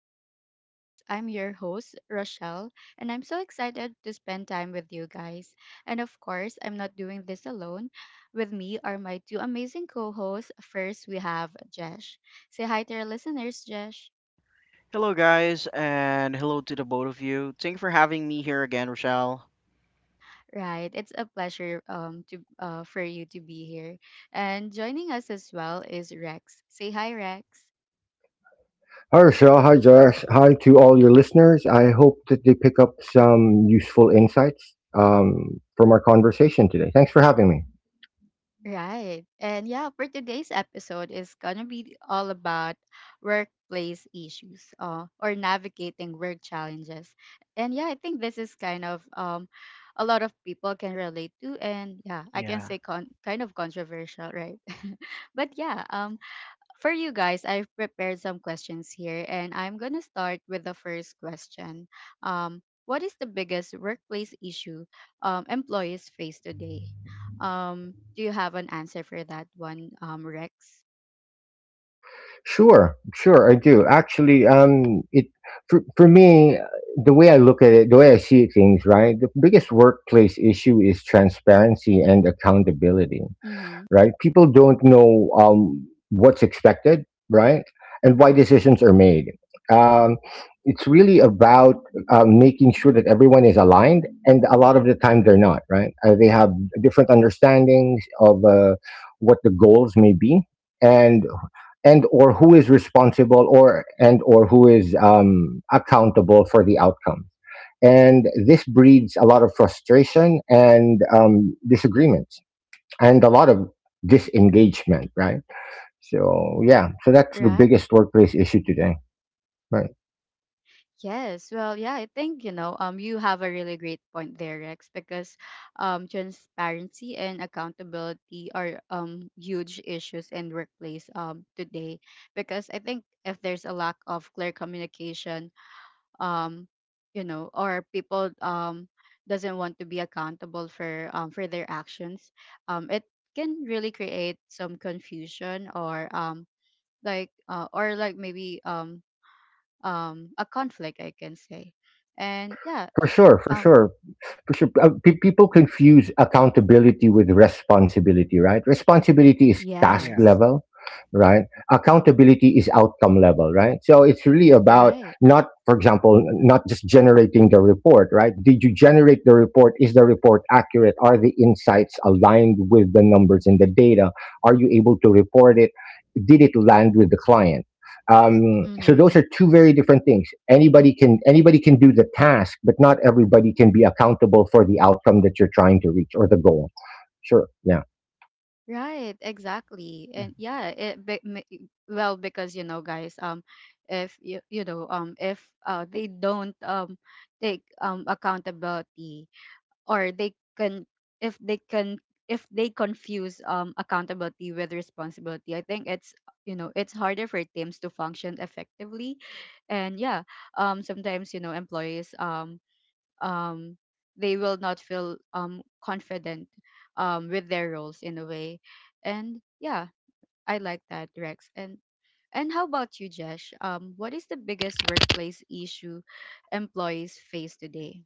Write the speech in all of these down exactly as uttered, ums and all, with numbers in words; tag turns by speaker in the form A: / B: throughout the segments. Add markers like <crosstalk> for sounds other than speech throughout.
A: to our talks. I'm your host, Rochelle, and I'm so excited to spend time with you guys. And of course, I'm not doing this alone. With me are my two amazing co hosts. First, we have Jesh. Say hi to our listeners, Jesh.
B: Hello, guys, and hello to the both of you. Thank you for having me here again, Rochelle.
A: Right, it's a pleasure um, to uh, for you to be here. And joining us as well is Rex. Say hi, Rex.
C: Hi, Rochelle. Hi, Josh. Hi to all your listeners. I hope that they pick up some useful insights um, from our conversation today. Thanks for having me.
A: Right. And yeah, for today's episode is going to be all about workplace issues uh, or navigating work challenges. And yeah, I think this is kind of um a lot of people can relate to, and yeah, I can
B: Yeah,
A: say con- kind of controversial, right? <laughs> But yeah, um. For you guys, I've prepared some questions here, and I'm going to start with the first question. Um, what is the biggest workplace issue um, employees face today? Um, do you have an answer for that one, um, Rex?
C: Sure, sure, I do. Actually, um, it for, for me, the way I look at it, the way I see things, right? The biggest workplace issue is transparency and accountability.
A: Mm-hmm.
C: Right? People don't know um, what's expected, right? And why decisions are made. Um, it's really about uh, making sure that everyone is aligned, and a lot of the time they're not, right? Uh, they have different understandings of uh, what the goals may be, and and or who is responsible, or and or who is um, accountable for the outcome. And this breeds a lot of frustration and um, disagreements and a lot of disengagement, right? So yeah, so that's the
A: Right.
C: biggest workplace issue today. Right?
A: Yes, well, yeah, I think you know, um, you have a really great point there, Rex, because um, transparency and accountability are um huge issues in workplace um today. Because I think if there's a lack of clear communication, um, you know, or people um doesn't want to be accountable for um for their actions, um, it can really create some confusion, or um like, uh, or like, maybe um um a conflict, I can say. And yeah,
C: For sure, for
A: um
C: sure, for sure. Uh, pe- people confuse accountability with responsibility, right? Responsibility is task
B: yeah.
A: yes,
C: level, right?
B: Mhm,
C: Accountability is outcome level, right? So it's really about
A: right.
C: not, for example, not just generating the report, right? Did you generate the report? Is the report accurate? Are the insights aligned with the numbers and the data? Are you able to report it? Did it land with the
B: mhm,
C: client? Um, so
A: Mm-hmm.
C: those are two very different things. Anybody can anybody can do the task, but not
B: mhm,
C: everybody can be accountable for the outcome that you're trying to reach or the goal. Sure, yeah.
A: Right, exactly.
B: mhm.
A: And yeah, it be, ma- I- well, because you know, guys, um if you you know um if uh they don't um take um accountability, or they can, if they can, if they confuse um accountability with responsibility, I think it's, you know, it's harder for teams to function effectively. And yeah, um sometimes, you know, employees um um they will not feel um confident um with their roles in a way. And yeah, I like that, Rex. And and how about you, Jesh? Um what is the biggest workplace issue employees face today?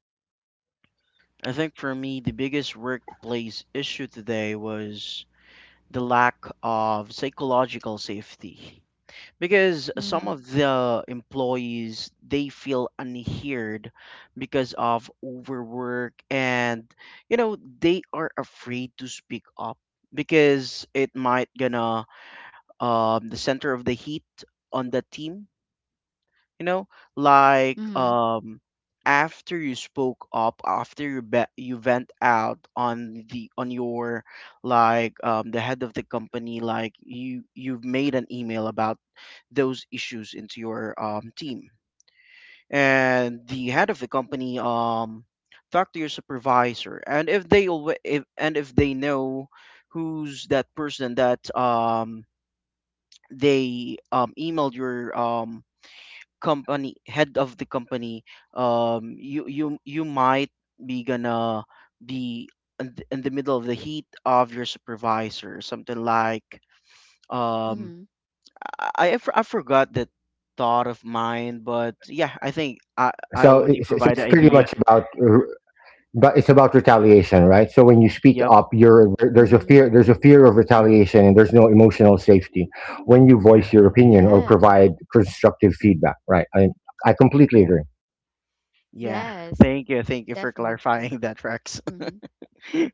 B: I think for me, the biggest workplace issue today was the lack of psychological safety. Because some
A: Mm-hmm.
B: of the employees, they feel unheard because of overwork, and you know, they are afraid to speak up because it might gonna um the center of the heat on the team. you know like
A: Mm-hmm.
B: um After you spoke up, after you be- you vent out on the on your, like um the head of the company, like you you've made an email about those issues into your um team, and the head of the company um talk to your supervisor. And if they alwa- if and if they know who's that person that um they um, emailed your, um, company, head of the company, um, you you you might be gonna be in th- in the middle of the heat of your supervisor, something like um,
A: Mm-hmm.
B: I, I for- I forgot that thought of mine. But yeah, I think I, I
C: so
B: already
C: it's, so
B: provided
C: it's pretty
B: idea.
C: much about, but it's about retaliation, right? So when you speak
B: Yep.
C: up, you're there's a
A: Mm-hmm.
C: fear, there's a fear of
B: Hmm.
C: retaliation, and there's no emotional safety when you
B: Yeah.
C: voice your opinion or
A: Yes.
C: provide constructive
B: Hmm.
C: feedback, right? i, I completely
B: Yeah.
C: agree.
B: Yeah.
A: Yes,
B: Thank you, thank you for
A: definitely.
B: clarifying that, Rex.
A: Mm-hmm.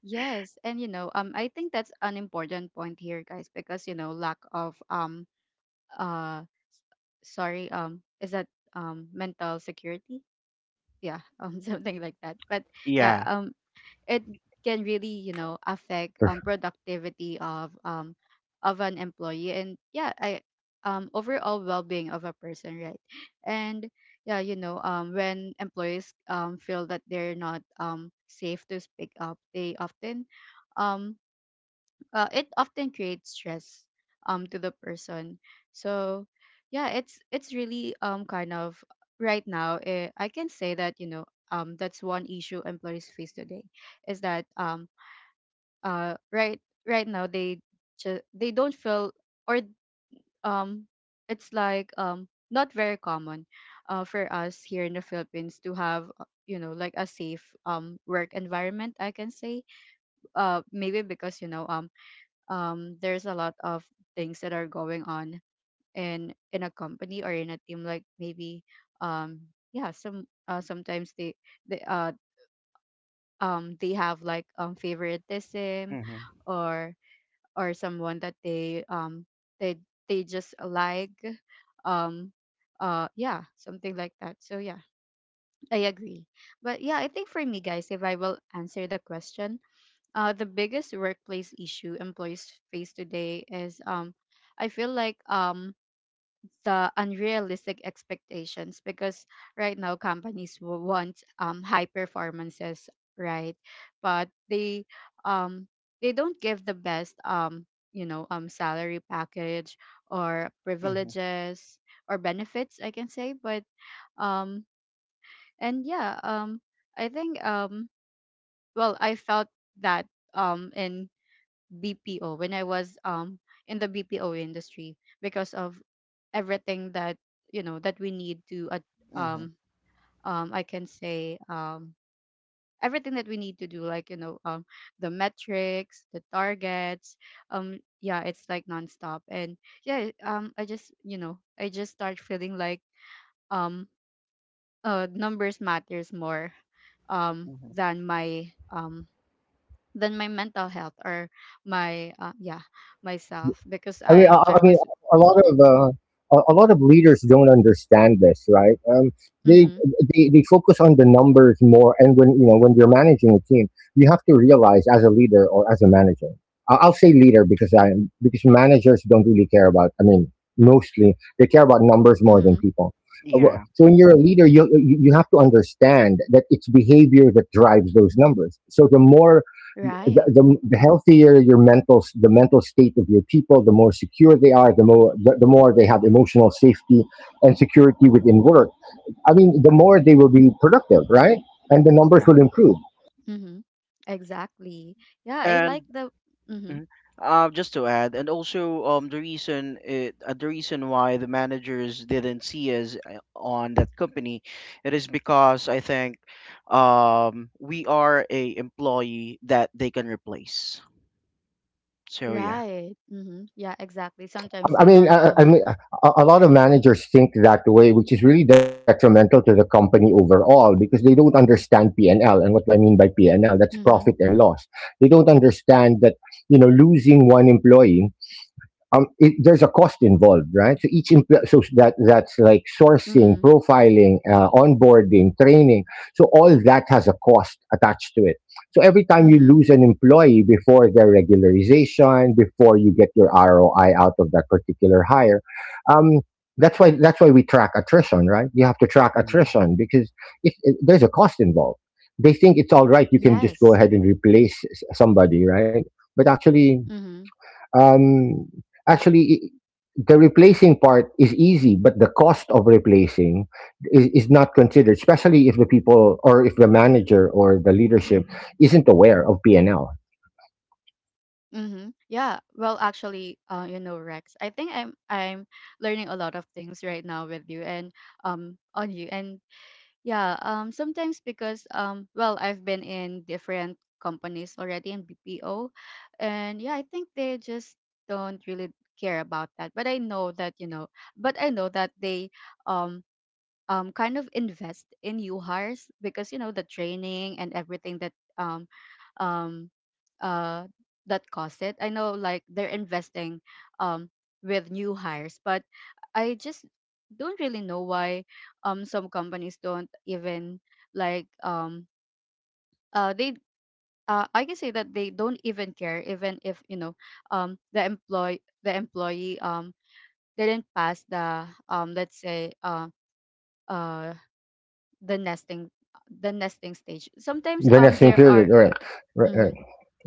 A: Yes, and you know, um, I think that's an important point here, guys, because, you know, lack of um, uh, sorry, um, is that um, mental security? Yeah, <laughs> um, something like that. But
B: <laughs>
A: yeah,
B: Yeah.
A: um, it can really, you know, affect um productivity of um of an employee. And yeah, I um overall well-being of a person, right? And yeah, you know, um when employees um feel that they're not um safe to speak up, they often um uh, it often creates stress um to the person. So yeah, it's it's really um kind of right now, eh, I can say that, you know, um that's one issue employees face today. Is that um uh right, right now they just, they don't feel, or um it's like um not very common uh, for us here in the Philippines to have, uh, you know, like a safe um work environment, I can say. Uh maybe because, you know, um um, there's a lot of things that are going on in in a company or in a team. Like, maybe um yeah, some, uh, sometimes they, they uh um they have like, um favoritism,
B: Hmm.
A: or or someone that they um they they just like, um uh yeah, something like that. So yeah, I agree. But yeah, I think, for me, guys, if I will answer the question, uh, the biggest workplace issue employees face today is, um, I feel like, um, the unrealistic expectations. Because right now companies w- want, um, high performances, right? But they, um, they don't give the best, um, you know, um, salary package or
B: Hmm.
A: privileges or benefits, I can say. But, um, and yeah, um, I think, um, well, I felt that um in B P O when I was um in the B P O industry, because of everything that, you know, that we need to, uh,
B: Hmm.
A: um um I can say um everything that we need to do, like, you know, um the metrics, the targets, um yeah, it's like nonstop. And yeah, um I just, you know, I just start feeling like, um uh numbers matters more um
B: Hmm.
A: than my, um than my mental health or my, uh, yeah, myself. Because
C: I mean, I,
A: i
C: I
A: i
C: mean,
A: was
C: a lot of uh, a a lot of leaders don't understand this, right? Um, they,
A: mm-hmm.
C: they they focus on the numbers more, and when you know when you're managing a team, you have to realize as a leader or as a manager. I- I'll say leader because I, because managers don't really care about. I mean, mostly they care about numbers more than
A: Mm-hmm.
C: people. Uh, wh-
B: Yeah.
C: So when you're a leader, you you you have to understand that it's behavior that drives those numbers. So the more, the,
A: Right.
C: the, the healthier your mental, the mental state of your people, the more secure they are, the more the, the more they have emotional safety and security within work, I mean, the
B: Mhm.
C: more they will be productive, right? And the numbers
B: Yeah.
C: will improve.
A: Mm-hmm. Exactly, yeah, I
B: And
A: like the mm-hmm.
B: mhm. Uh, just to add, and also um, the reason it, uh, the reason why the managers didn't see us uh, on that company, it is because I think um, we are a employee that they can replace. So yeah.
A: Right, mm-hmm, yeah, exactly. Sometimes they
C: i, I mean
A: don't
C: i, I
A: um
C: mean, a, a lot of managers think that way, which is really detrimental to the company overall, because they don't understand P N L and L. And what do I mean by P N L? That's
A: mm-hmm.
C: profit and loss. They don't understand that, you know, losing one employee, um, it, there's a cost involved, right? So each empl- so that that's like sourcing,
A: Mm-hmm.
C: profiling, uh, onboarding, training. So all that has a cost attached to it. So every time you
A: Mm-hmm.
C: lose an employee before their regularization, before you get your R O I out of that particular hire, um, that's why, that's why we track attrition, right? You have to track
B: Hmm.
C: attrition because it, it, there's a cost involved. They think it's all right. You can just go
A: Yes.
C: ahead and replace s- somebody, right? But actually,
A: Mm-hmm.
C: um, actually, i- the replacing part is easy, but the cost of replacing is, is not considered, especially if the people or if the manager or the leadership isn't aware of P and L.
A: Mm-hmm. Yeah, well, actually, uh, you know, Rex, I think i'm i'm learning a lot of things right now with you, and um on you. And yeah, um, sometimes because, um, well, I've been in different companies already in B P O. And yeah, I think they just don't really care about that. But I know that, you know, but I know that they um um kind of invest in you hires, because, you know, the training and everything that um um uh that cost it. I know, like, they're investing um with new hires. But I just don't really know why um some companies don't even like, um uh they, uh, I can say that they don't even care, even if, you know, um the employ the employee um didn't pass the, um let's say, uh uh the nesting, the nesting stage. Sometimes
C: The
A: um
C: nesting
A: there
C: period,
A: are
C: right? Right, right.
A: mm-hmm,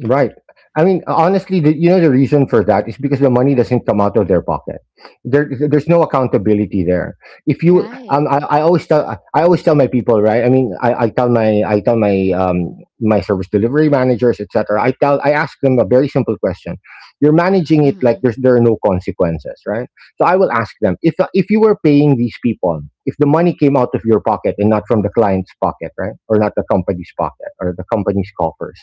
C: Right. I mean, honestly, the, you know, the reason for that is because the money doesn't come out of their pocket. There, there's no accountability there. If you,
A: right,
C: um, I, I always tell, I always tell my people, right? I mean, I, I tell my, I tell my, um, my service delivery managers, et cetera. I tell, I ask them a very simple question. You're managing it like
A: mm-hmm.
C: there's there are no consequences, right? So I will ask them, if if you were paying these people, if the money came out of your pocket and not from the client's pocket, right, or not the company's pocket or the company's coffers,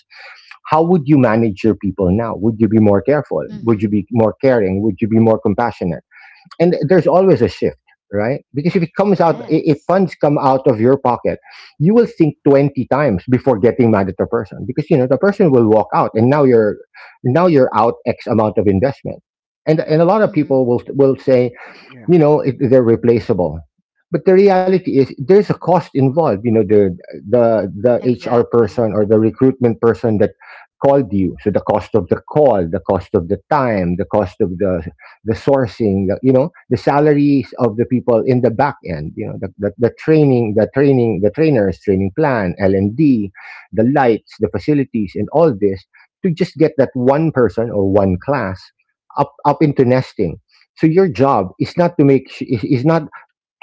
C: how would you manage your people now? Would you be more careful? Would
A: Mm-hmm.
C: you be more caring? Would you be more compassionate? And there's always a shift, right? Because if it comes out, i-
B: Hmm.
C: if
A: Yes.
C: funds come out of your pocket, you will think twenty times before getting mad at the person, because, you know, the person will walk out and now you're, now you're out X amount of investment. And, and a lot of
A: Mm-hmm.
C: people will, will say,
B: Yeah.
C: you know, it, they're replaceable, but the reality is there's a cost involved. You know, the the the HR person
A: Exactly,
C: or the recruitment person that called you, so the cost of the call, the cost of the time, the cost of the the sourcing, the, you know, the salaries of the people in the back end, you know, the, the, the training, the training, the trainers, training plan, L and D, the lights, the facilities, and all this to just get that one person or one class up up into nesting. So your job is not to make sh- is is not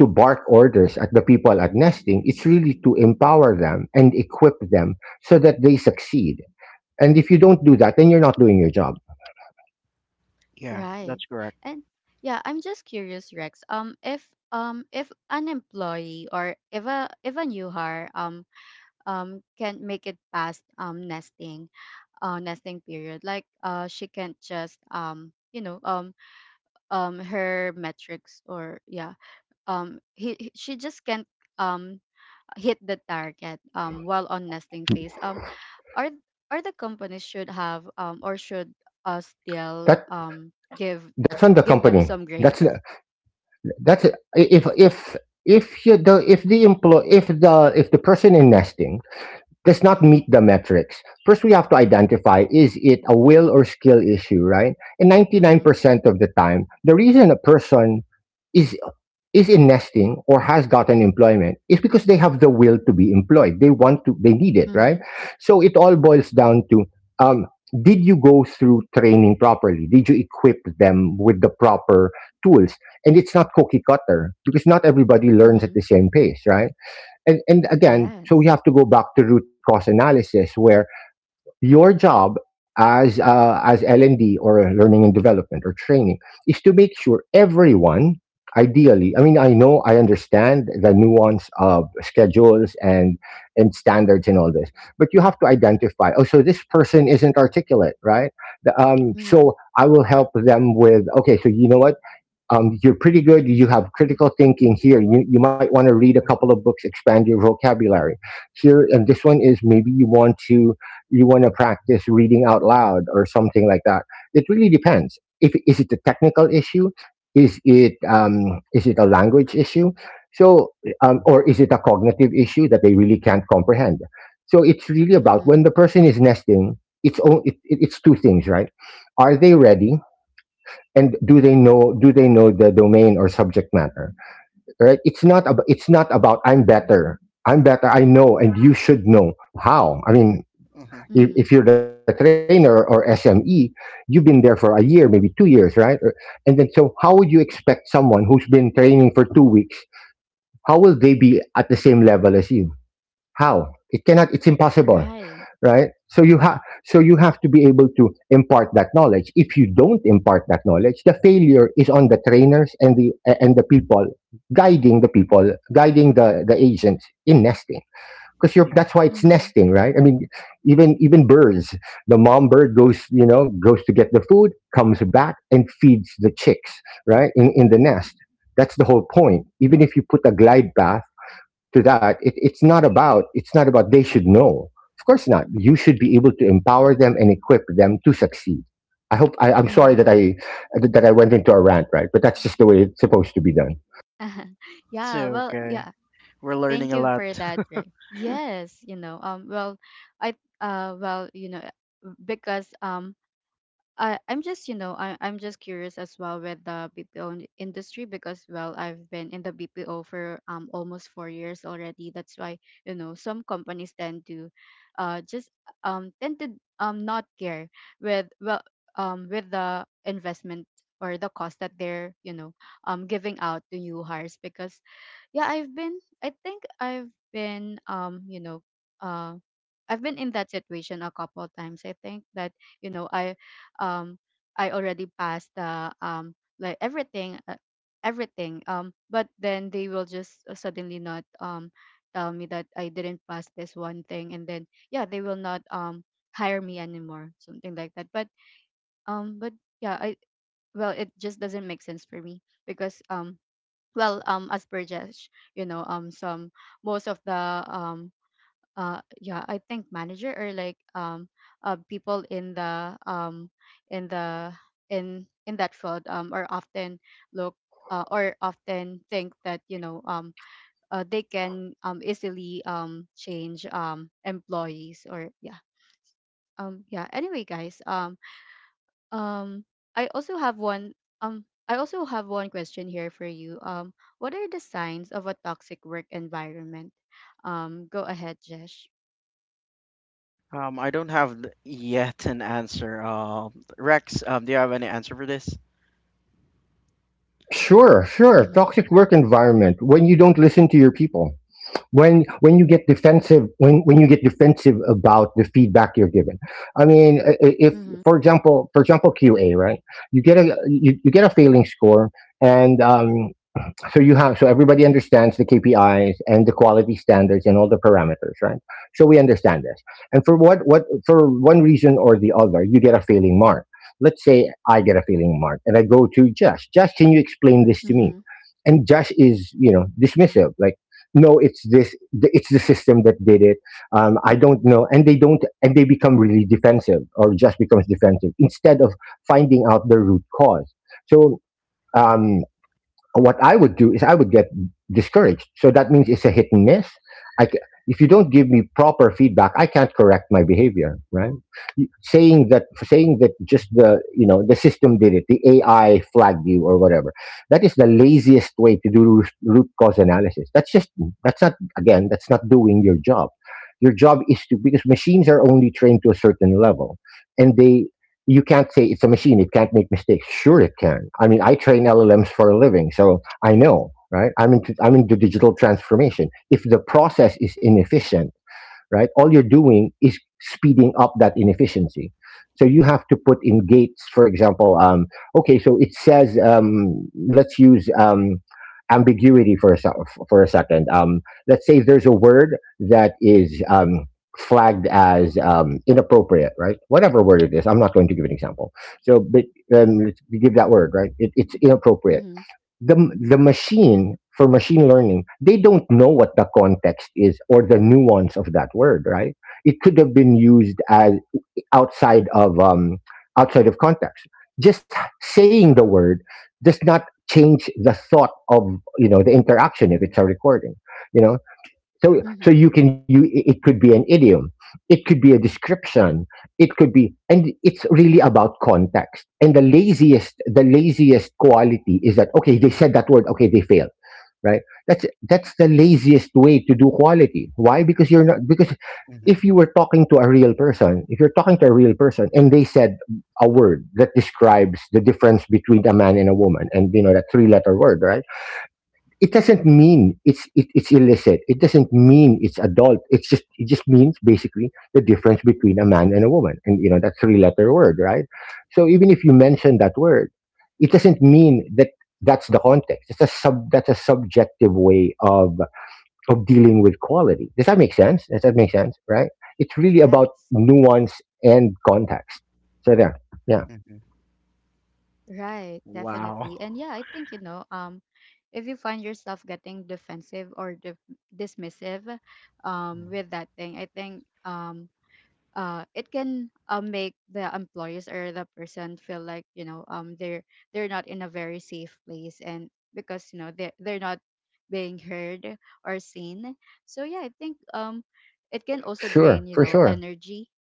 C: to bark orders at the people at nesting. It's really to empower them and equip them so that they succeed. And if you don't do that, then you're not doing your job.
B: Yeah.
A: right.
B: That's correct.
A: And yeah, I'm just curious, Rex, um if um if an employee, or if a, if a new hire um um can make it past, um nesting, uh nesting period. Like, uh she can't just, um you know, um um her metrics, or yeah, um he he- she just can't, um hit the target, um, while on nesting phase, um, or or the companies should have, um, or should, uh, still,
C: That,
A: um, give
C: that's on the
A: give them
C: company.
A: some
C: That's
A: grace.
C: That's it. If if if you the if the employ if the, if the person in nesting does not meet
A: Mm-hmm.
C: the metrics, first we have to identify: is it a will or skill issue, right? And ninety nine
A: Mm-hmm.
C: percent of the time, the reason a person is is in nesting or has gotten employment is because they have the will to be employed. They want to, they need it, right?
A: Mm-hmm.
C: So it all boils down to, um, did you go through training properly? Did you equip them with the proper tools? And it's not cookie cutter, because not everybody learns at
A: Mm-hmm.
C: the same pace, right? And, and again, so we
A: Yes.
C: have to go back to root cause analysis, where your job as uh, as L and D, or learning and development, or training, is to make sure everyone, ideally, I mean, I know I understand the nuance of schedules and and standards and all this, but you have to identify, oh, so this person isn't articulate, right? The- um,
A: Mm-hmm.
C: so I will help them with, okay, so you know what, um, you're pretty good. You have critical thinking here. You, you might want to read a
B: Hmm.
C: couple of books, expand your vocabulary here. And this one is, maybe you want to, you want to practice reading out loud or something like that. It really depends. If, is it a technical issue, is it um, is it a language issue? So um, or is it a cognitive issue that they really can't comprehend? So it's really about
A: Mm-hmm.
C: when the person is nesting. It's o- it, it- It's two things, right? Are they ready? And do they know, do they know the domain or subject matter, right? It's not ab- it's not about I'm better, i'm better I know and you should know how. I mean,
B: Hmm.
C: if,
A: Mm-hmm.
C: if you're the trainer or S M E, you've been there for a year, maybe two years, right? Or- and then, so how would you expect someone who's been training for two weeks, how will they be at the same level as you? How? It cannot, it's impossible,
A: Right.
C: right? So you have so you have to be able to impart that knowledge. If you don't impart that knowledge, the failure is on the trainers and the and the people guiding, the people guiding the the agents in nesting, because you're,
B: Yeah.
C: that's why it's
A: Mm-hmm.
C: nesting, right? I mean, even, even birds, the mom bird goes, you know, goes to get the food, comes back and feeds the chicks, right, in in the nest. That's the whole point. Even if you put a glide path to that, it, it's not about, it's not about they should
B: Hmm.
C: know. Of course not. You should be able to empower them and equip them to succeed. i hope I, I'm sorry
A: Mm-hmm.
C: that I that I went into a rant, right, but that's just the way it's supposed to be done.
A: <laughs>
B: It's
A: Yeah, well,
B: okay.
A: yeah,
B: We're
A: thank
B: learning a
A: you
B: lot.
A: for that.
B: <laughs>
A: Right. Yes, you know, um well, I uh well, you know, because, um I I'm just, you know, I I'm just curious as well with the B P O in- industry. Because, well, I've been in the B P O for um almost four years already. That's why, you know, some companies tend to, uh just, um tend to, um not care with, well, um with the investment or the cost that they're, you know, um giving out to new hires. Because yeah, I've been, I think I've been, um you know, uh I've been in that situation a couple of times. I think that, you know, I um I already passed the, um like, everything, uh, everything, um but then they will just, uh, suddenly not, um tell me that I didn't pass this one thing, and then, yeah, they will not um hire me anymore, something like that. But um but yeah, I, well, it just doesn't make sense for me. Because, um well, um as per Jesh, you know, um some most of the, um uh yeah, I think manager, or like, um uh people in the, um in the in in that field, um are often look, uh, or often think that, you know, um uh, they can um easily um change um employees, or yeah, um yeah. Anyway, guys, um um, I also have one. Um, I also have one question here for you. Um, what are the signs of a toxic work environment? Um, go ahead, Jesh.
B: Um, I don't have th- yet an answer. Um, Rex, um, do you have any answer for this?
C: Sure, sure.
A: Mhm.
C: Toxic work environment: when you don't listen to your people, when when you get defensive, when when you get defensive about the feedback you're given. I mean, i- i- if,
A: Mhm.
C: for example, for example, Q A, right? You get a, you, you get a failing score, and um, so you have, so everybody understands the K P Is and the quality standards and all the parameters, right? So we understand this. And for, what what for one reason or the other, you get a failing mark. Let's say I get a failing mark and I go to Josh. Josh, can you explain this to me?
A: Mhm.
C: And Josh is, you know, dismissive, like no, it's this th- it's the system that did it. Um, I don't know, and they don't and they become really defensive, or just becomes defensive instead of finding out the root cause. So.
B: Mhm.
C: Um, what I would do is I would get discouraged. So that means it's a hit and miss. I ca- if you don't give me proper feedback, I can't correct my behavior, right? You- Saying that, saying that just the, you know, the system did it, the A I flagged you or whatever. That is the laziest way to do root root cause analysis. That's just that's not, again, that's not doing your job. Your job is to, because machines are only trained to a certain level, and they you can't say it's a machine. It can't make mistakes. Sure, it can. I mean, I train L L Ms for a living, so I know, right? I'm into I'm into digital transformation. If the process is inefficient, right? All you're doing is speeding up that inefficiency. So you
B: Yeah.
C: have to put in gates, for example. Um, okay, so it says, um, let's use, um, ambiguity for a sec- for a second. Um, let's say there's a word that is, um, flagged as, um, inappropriate, right? Whatever word it is, I'm not going to give an example. So, but um, let's give that word, right? It, it's inappropriate.
A: Mhm.
C: The the machine for machine learning, they don't know what the context is or the nuance of that word, right? It could have been used as outside of, um outside of context, just saying the word does not change the thought of, you know, the interaction if
B: Mm.
C: it's a recording, you know. So, so
A: Mhm.
C: you can you. It could be an idiom, it could be a description, it could be, and it's really about context. And the laziest, the laziest quality is that okay, they said that word, okay, they failed, right? That's that's the laziest way to do quality. Why? Because you're not, because
B: Mhm.
C: if you were talking to a real person, if you're talking to a real person, and they said a word that describes the difference between a man and a woman, and you know that three-letter word, right? It doesn't
A: Mhm.
C: mean it's it, it's illicit. It doesn't mean it's adult. It's just it just means basically the difference between a man and a woman, and you know that three letter word, right? So even if you mention that word, it doesn't mean that that's the context. It's a sub that's a subjective way of of dealing with quality. Does that make sense? Does that make sense? Right? It's really about
A: Yes.
C: nuance and context. So there, yeah,
B: Mhm.
A: Right, definitely.
B: Wow.
A: And yeah, I think, you know. Um, if you find yourself getting defensive or dif- dismissive, um,
B: Mm.
A: with that thing, I think, um uh, it can, um, make the employees or the person feel like, you know, um, they're they're not in a very safe place. And because, you know, they they're not being heard or seen. So yeah, I think um it
C: sure,
A: can
C: for
A: also
C: sure.
A: drain, you know, energy.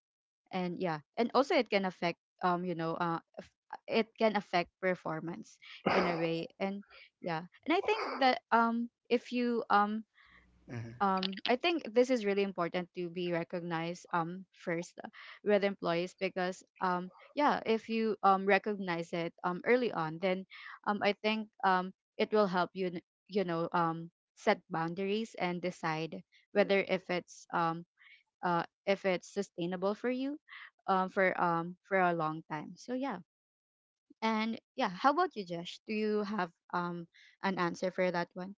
A: And yeah, and also it can affect, um you know, uh f- it can affect performance in a way. And yeah, and I think that, um if you um
B: Mhm.
A: um I think this is really important to be recognized, um first, uh, with employees, because, um yeah, if you um recognize it um early on, then, um I think um it will help you n- you know um set boundaries and decide whether, if it's, um uh if it's sustainable for you, um for um for a long time. So yeah, and yeah, how about you, Jesh? Do you have um an answer for that one?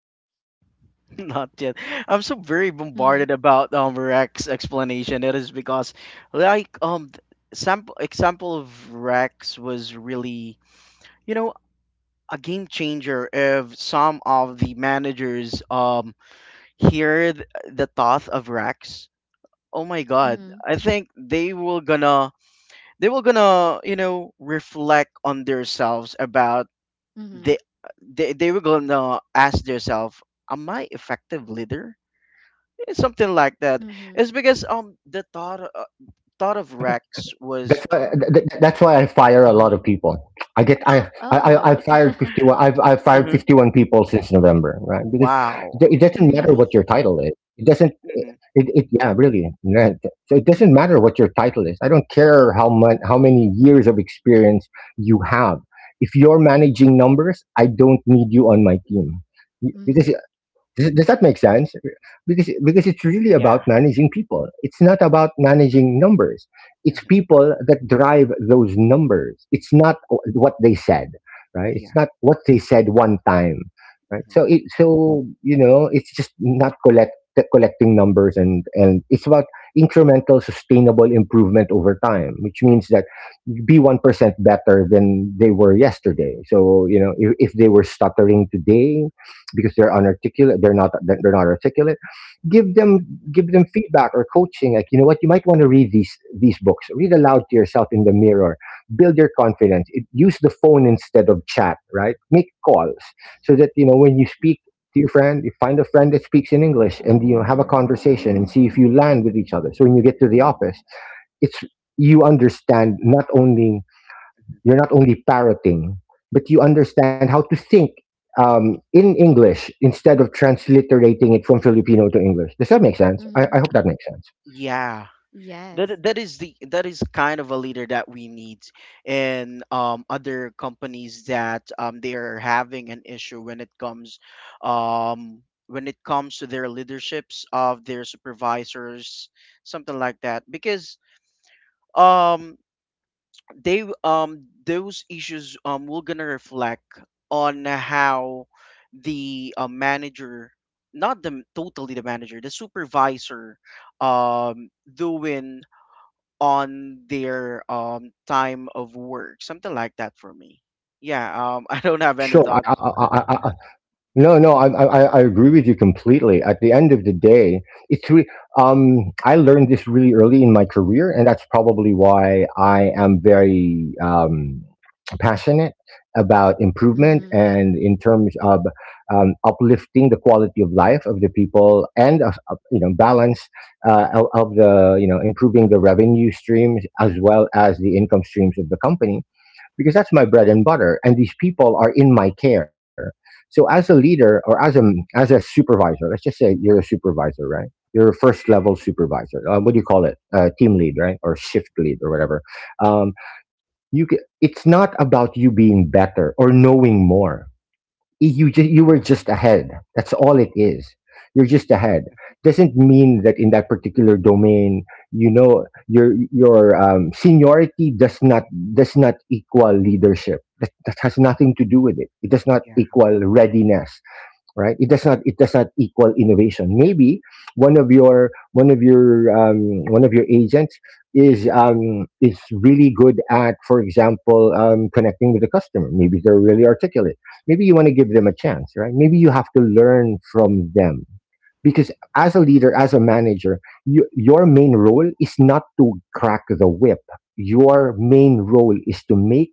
B: <laughs> Not yet. I'm so very bombarded
A: Mhm.
B: about um Rex explanation. It is because like um th- sample example of Rex was really, you know, a game changer if some of the managers um hear th- the thought of Rex. Oh my god.
A: Mhm.
B: I think they will gonna, they will gonna, you know, reflect on themselves about they
A: Mhm.
B: they, they were gonna ask themselves, am I effective leader, it's something like that.
A: Mhm.
B: It's because um the thought uh, thought of rex was.
C: That's why, th- th- that's why I fire a
B: Uh-huh.
C: lot of people. I get I I I I've
A: Oh,
C: fired
A: <laughs>
C: fifty one. I've I've fired
B: Mhm.
C: fifty one people since November, right? Because it
B: Wow.
C: it doesn't matter
A: really?
C: what your title is. It doesn't. It,
B: Hmm.
C: it yeah really. Right. So it doesn't matter what your title is. I don't care how much how many years of experience you have. If you're managing numbers, I don't need you on my team. Y- Because
A: Mm-hmm.
C: does does that make sense? Because because it's really about
B: Yeah.
C: managing people. It's not about managing numbers. It's
B: Mhm.
C: people that drive those numbers. It's not o- what they said, right? It's
B: Yeah.
C: not what they said one time, right?
B: Mhm.
C: So it so, you know, it's just not collect collecting numbers and and it's about incremental sustainable improvement over time, which means that be one percent better than they were yesterday. So you know if, if they were stuttering today because they're unarticulate, they're not they're not articulate, give them
B: Mhm.
C: give them feedback or coaching like, you know what, you might want to read these these books, read aloud to yourself in the mirror, build your confidence. It- use the phone instead of chat, right, make calls so that, you know, when you speak to your friend, you find a friend that speaks in English, and, you know, have a conversation and see if you land with each other. So when you get to the office, it's you understand not only
B: Mhm.
C: you're not only parroting, but you understand how to think um, in English instead of transliterating it from Filipino to English. Does that make sense? I,
A: Mm-hmm.
C: I hope that makes sense.
B: Yeah,
A: Yes.
B: that that is the, that is kind of a leader that we need in, um, other companies that um, they are having an issue when it comes um, when it comes to their leaderships of their supervisors, something like that. Because um, they um, those issues um, will gonna reflect on how the uh, manager, not the totally the manager, the supervisor, um doing on their um time of work, something like that for me. Yeah. um <laughs> I don't have any
C: Sure. I, I,
B: thoughts.
C: I, I, I- no, no, I,
B: Mhm.
C: I, I agree with you completely. At the end of the day, it's re- um, I learned this really early in my career, and that's probably why I am very, um, passionate about improvement
A: Mm-hmm.
C: and in terms of, um, uplifting the quality of life of the people and of, of, you know, balance, uh, of, of the, you know, improving the revenue streams as well as the income streams of the company, because that's my bread and butter and these people are in my care. So as a leader or as a as a supervisor, let's just say you're a supervisor, right, you're a first level supervisor, uh, what do you call it, uh, team lead, right, or shift lead, or whatever. Um, you ca it's not about you being better or knowing more, you just you were
B: Yeah.
C: just ahead, that's all it is. You're just ahead. Doesn't mean that in that particular domain, you know, your your, um, seniority does not does not equal leadership. That, that has nothing to do with it. It does not
B: Yeah.
C: equal readiness, right? It does not, it does not equal innovation. Maybe one of your one of your, um, one of your agents is, um, is really good at, for example, um, connecting with the customer, maybe they're really articulate, maybe you want to give them a chance, right? Maybe you have to learn from them. Because as a leader, as a manager, you, your main role is not to crack the whip. Your main role is to make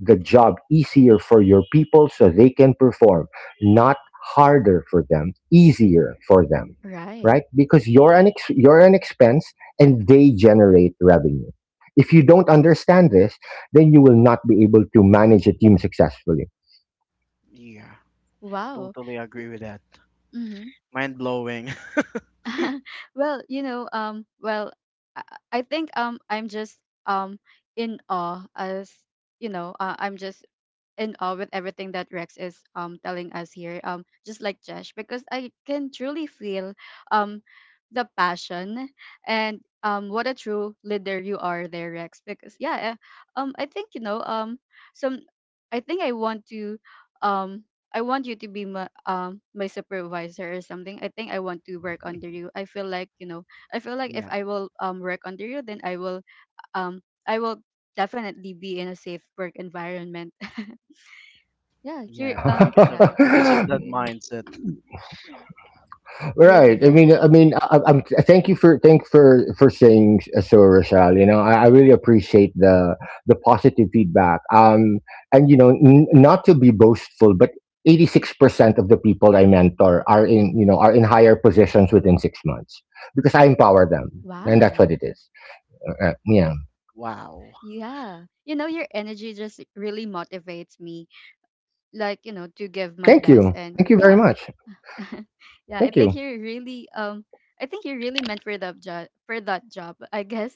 C: the job easier for your people so they can perform, not harder for them, easier for them,
A: Right.
C: right? Because you're an ex- you're an expense and
B: Mhm.
C: they generate revenue. If you don't understand this, then you will not be able to manage a team successfully.
B: Yeah,
A: Wow.
B: totally agree with that.
A: Mm-hmm.
B: Mind blowing. <laughs>
A: <laughs> Well, you know, um, well, I, I think, um, I'm just um in awe, as you know, uh, I'm just in awe with everything that Rex is um telling us here. Um, just like Jesh. Because I can truly feel um the passion, and um what a true leader you are there, Rex. Because yeah, uh, um I think, you know, um some, I think I want to, um I want you to be my, um my supervisor or something. I think I want to work under you. I feel like, you know, I feel like if
B: Yeah.
A: I will um work under you, then I will, um I will definitely be in a safe work environment. <laughs> Yeah, you're
B: Yeah,
A: um
B: because of,
A: yeah,
B: because of that mindset.
C: <laughs>
A: really,
C: Right. I
A: yeah.
C: mean, I mean, I, I'm. Thank you for thank for for saying s- so, Rochelle. You know, I, I really appreciate the the positive feedback. Um, and, you know, n- not to be boastful, but eighty-six percent of the people I mentor are, in you know, are in higher positions within six months because I empower them,
B: Mhm.
C: and that's what
A: Wow.
C: it is. Uh, uh, yeah.
B: Wow.
A: Yeah, you know, your energy just really motivates me, like, you know, to give my
C: Thank
A: best.
C: you.
A: And
C: Thank you very
A: yeah,
C: much.
A: <laughs> yeah, I
C: Thank
A: think
C: you.
A: you're really um I think you're really meant for that job, for that job, I guess.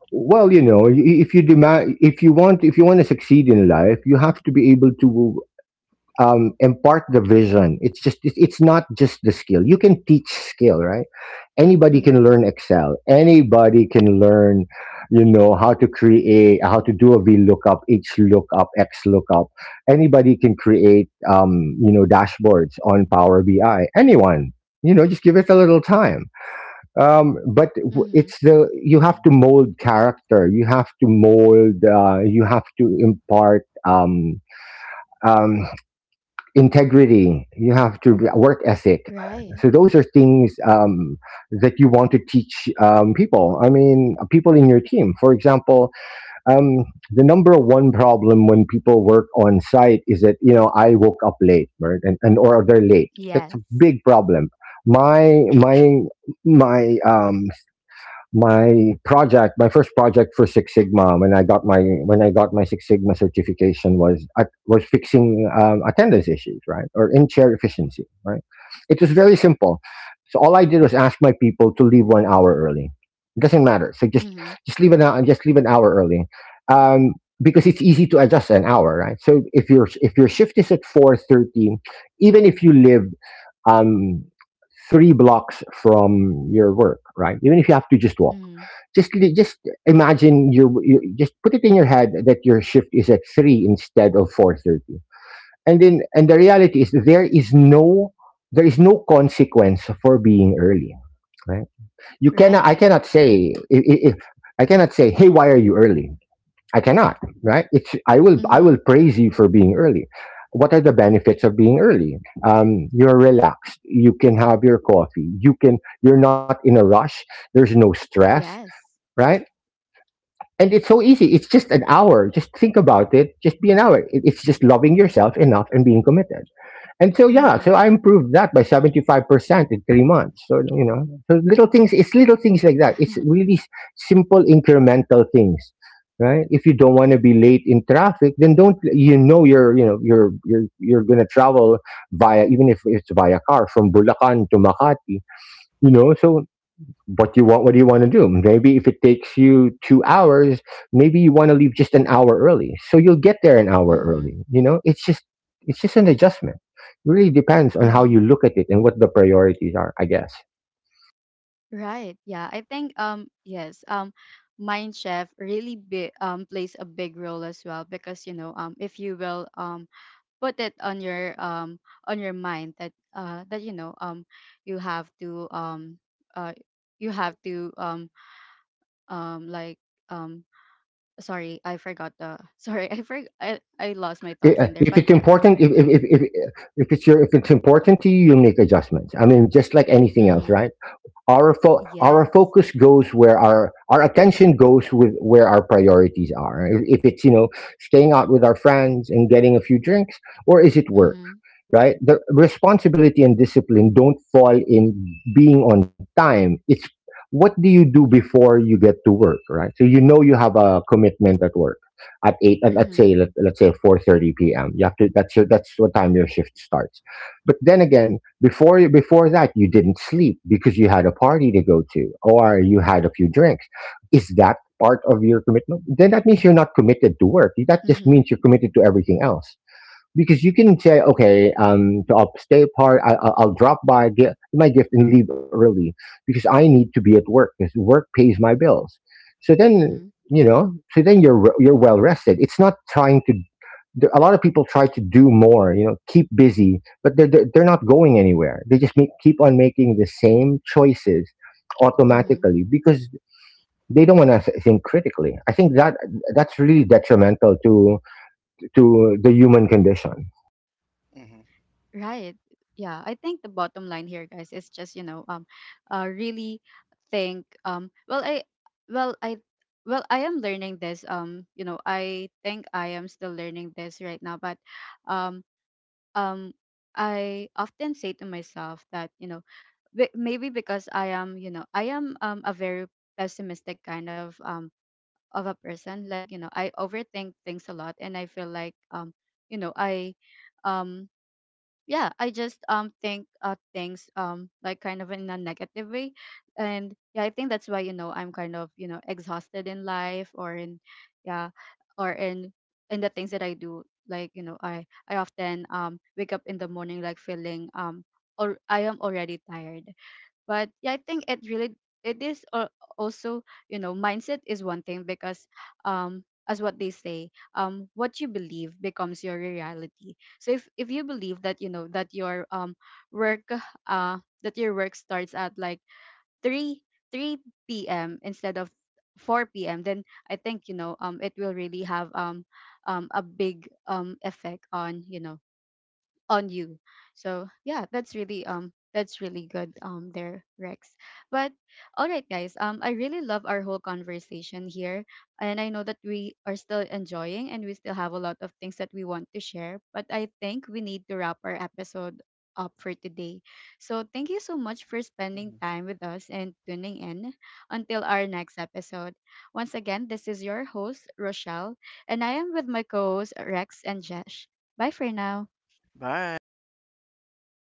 C: Well, you know, i- if you demand, if you want, if you want to succeed in life, you have to be able to,
B: Mhm.
C: um, impart the vision. It's just it- it's not just the skill. You can teach skill, right?
A: <laughs>
C: Anybody can
A: Mhm.
C: learn Excel. Anybody can learn, you know, how to create, how to do a VLOOKUP, H lookup, X lookup. Anybody can create, um, you know, dashboards on Power B I. Anyone, you know, just give it a little time. Um, but w-
A: Mhm.
C: it's the you
B: Mhm.
C: have to mold character. You have to mold. Uh, you have to impart. Um, um, Integrity, you have to work ethic.
A: Right.
C: So those are things, um, that you want to teach, um, people, I mean, people in your team, for example, um, the number one problem when people work on site is that, you know, I woke up late, right, and, and or they're late, that's a
A: Yes.
C: big problem. my my my, um, my project, my first project for Six Sigma, when I got my when I got my Six Sigma certification, was at, was fixing, um, attendance issues, right, or in chair efficiency, right. It was very simple. So all I did was ask my people to leave one hour early. It doesn't matter. So just
A: Mhm.
C: just leave an hour, just leave an hour early, um, because it's easy to adjust an hour, right? So if your if your shift is at four thirty, even if you live, um, three blocks from your work, right, even if you have to just walk,
A: Mhm.
C: just li- just imagine you, you just put it in your head that your shift is at three instead of four thirty, and then and the reality is there is no there is no consequence for being early, right? You cannot,
A: Right.
C: I cannot say i- i- if I cannot say, hey, why are you early? I cannot, right? It's I will I will
A: Mhm.
B: Mhm.
C: praise you for being early. What are the benefits of being early? Um, you're relaxed, you can have your coffee, you can, you're not in a rush, there's no
B: Yep.
C: stress,
A: Yes.
C: right? And it's so easy, it's just an hour, just think
B: Mhm.
C: about it, just be an hour. It- it's just loving yourself enough and being committed. And so yeah,
A: Mhm.
C: so I improved that by seventy-five percent in three months. So, you know, so little things, it's little things like that. It's
A: <laughs>
C: really s- simple incremental things, right? If you don't want to be late in traffic, then don't, you know, you're, you know, you're you're you're gonna travel via, even if it's via car from Bulacan to Makati, you know, so what you want, what do you want to do? Maybe if it takes you two hours, maybe you want to leave just an hour early so you'll get there an hour
A: Mhm.
C: early. You know, it's just it's just an adjustment. It really depends on how
A: Mhm.
C: you look at it and what the priorities are, I guess.
A: Right. Yeah, I think um yes. Um Mind Chef really bi- um plays a big role as well. Because, you know, um if you will um put it on your, um on your mind that, uh that, you know, um you have to, um uh you have to, um um like, um sorry, I forgot the <laughs> sorry, I for I, I lost my
C: I-
A: thoughts
C: uh,
A: in there.
C: if
A: But
C: it's
A: yeah.
C: important, if if, if if if it's your, if it's important to you, you'll make adjustments, I mean, just like anything else,
A: Mhm.
C: right? Our fo- our
A: Yes.
C: focus goes where our our attention goes, with where our priorities are. if, if it's, you know, staying out with our friends and getting a few drinks, or is it work,
A: Mhm.
C: right? The responsibility and discipline don't fall in being on time. It's what do you do before you get to work, right? So, you know, you have a commitment at work at eight. At, let's say,
A: Mhm.
C: let, let's say four thirty p m. You have to. That's your, that's what time your shift starts. But then again, before you before that, you didn't sleep because you had a party to go to or you had a few drinks. Is that part of your commitment? Then that means you're not committed to work. That just
A: Mhm.
C: means you're committed to everything else, because you can say, okay, um, so I'll stay apart. I, I'll I'll drop by, get my gift, and leave early because I need to be at work because work pays my bills. So then,
A: Mhm.
C: you know, so then you're re- you're well rested. It's not trying to. There- A lot of people try to do more, you know, keep busy, but they're they're, they're not going anywhere. They just make, keep on making the same choices
B: Mhm.
A: Mhm.
C: automatically because they don't want to think critically. I think that that's really detrimental to to the human condition.
B: Mhm.
A: Right. Yeah, I think the bottom line here, guys, is just, you know, um uh really think, um well I well I well, I am learning this. Um, you know, I think I am still learning this right now. But, um um I often say to myself that, you know, be- maybe because I am, you know, I am um a very pessimistic kind of, um of a person. Like, you know, I overthink things a lot, and I feel like, um, you know, I um yeah, I just um think uh things um like, kind of in a negative way. And yeah, I think that's why, you know, I'm kind of, you know, exhausted in life, or in, yeah, or in in the things that I do. Like, you know, i i often um wake up in the morning, like, feeling, um or I am already tired. But yeah, I think it really, it is al- also, you know, mindset is one thing. Because, um as what they say, um what you believe becomes your reality. So if if you believe that, you know, that your, um work, uh that your work starts at like 3 3 p.m. instead of four p.m., then I think, you know, um it will really have, um um a big um effect on, you know, on you. So yeah, that's really, um that's really good um there, Rex. But all right, guys, um I really love our whole conversation here. And I know that we are still enjoying, and we still have a lot of things that we want to share, but I think we need to wrap our episode up for today. So thank you so much for
B: Mhm.
A: spending time with us and tuning in until our next episode. Once again, this is your host, Rochelle, and I am with my co-hosts Rex and Jesh. Bye for now.
B: Bye.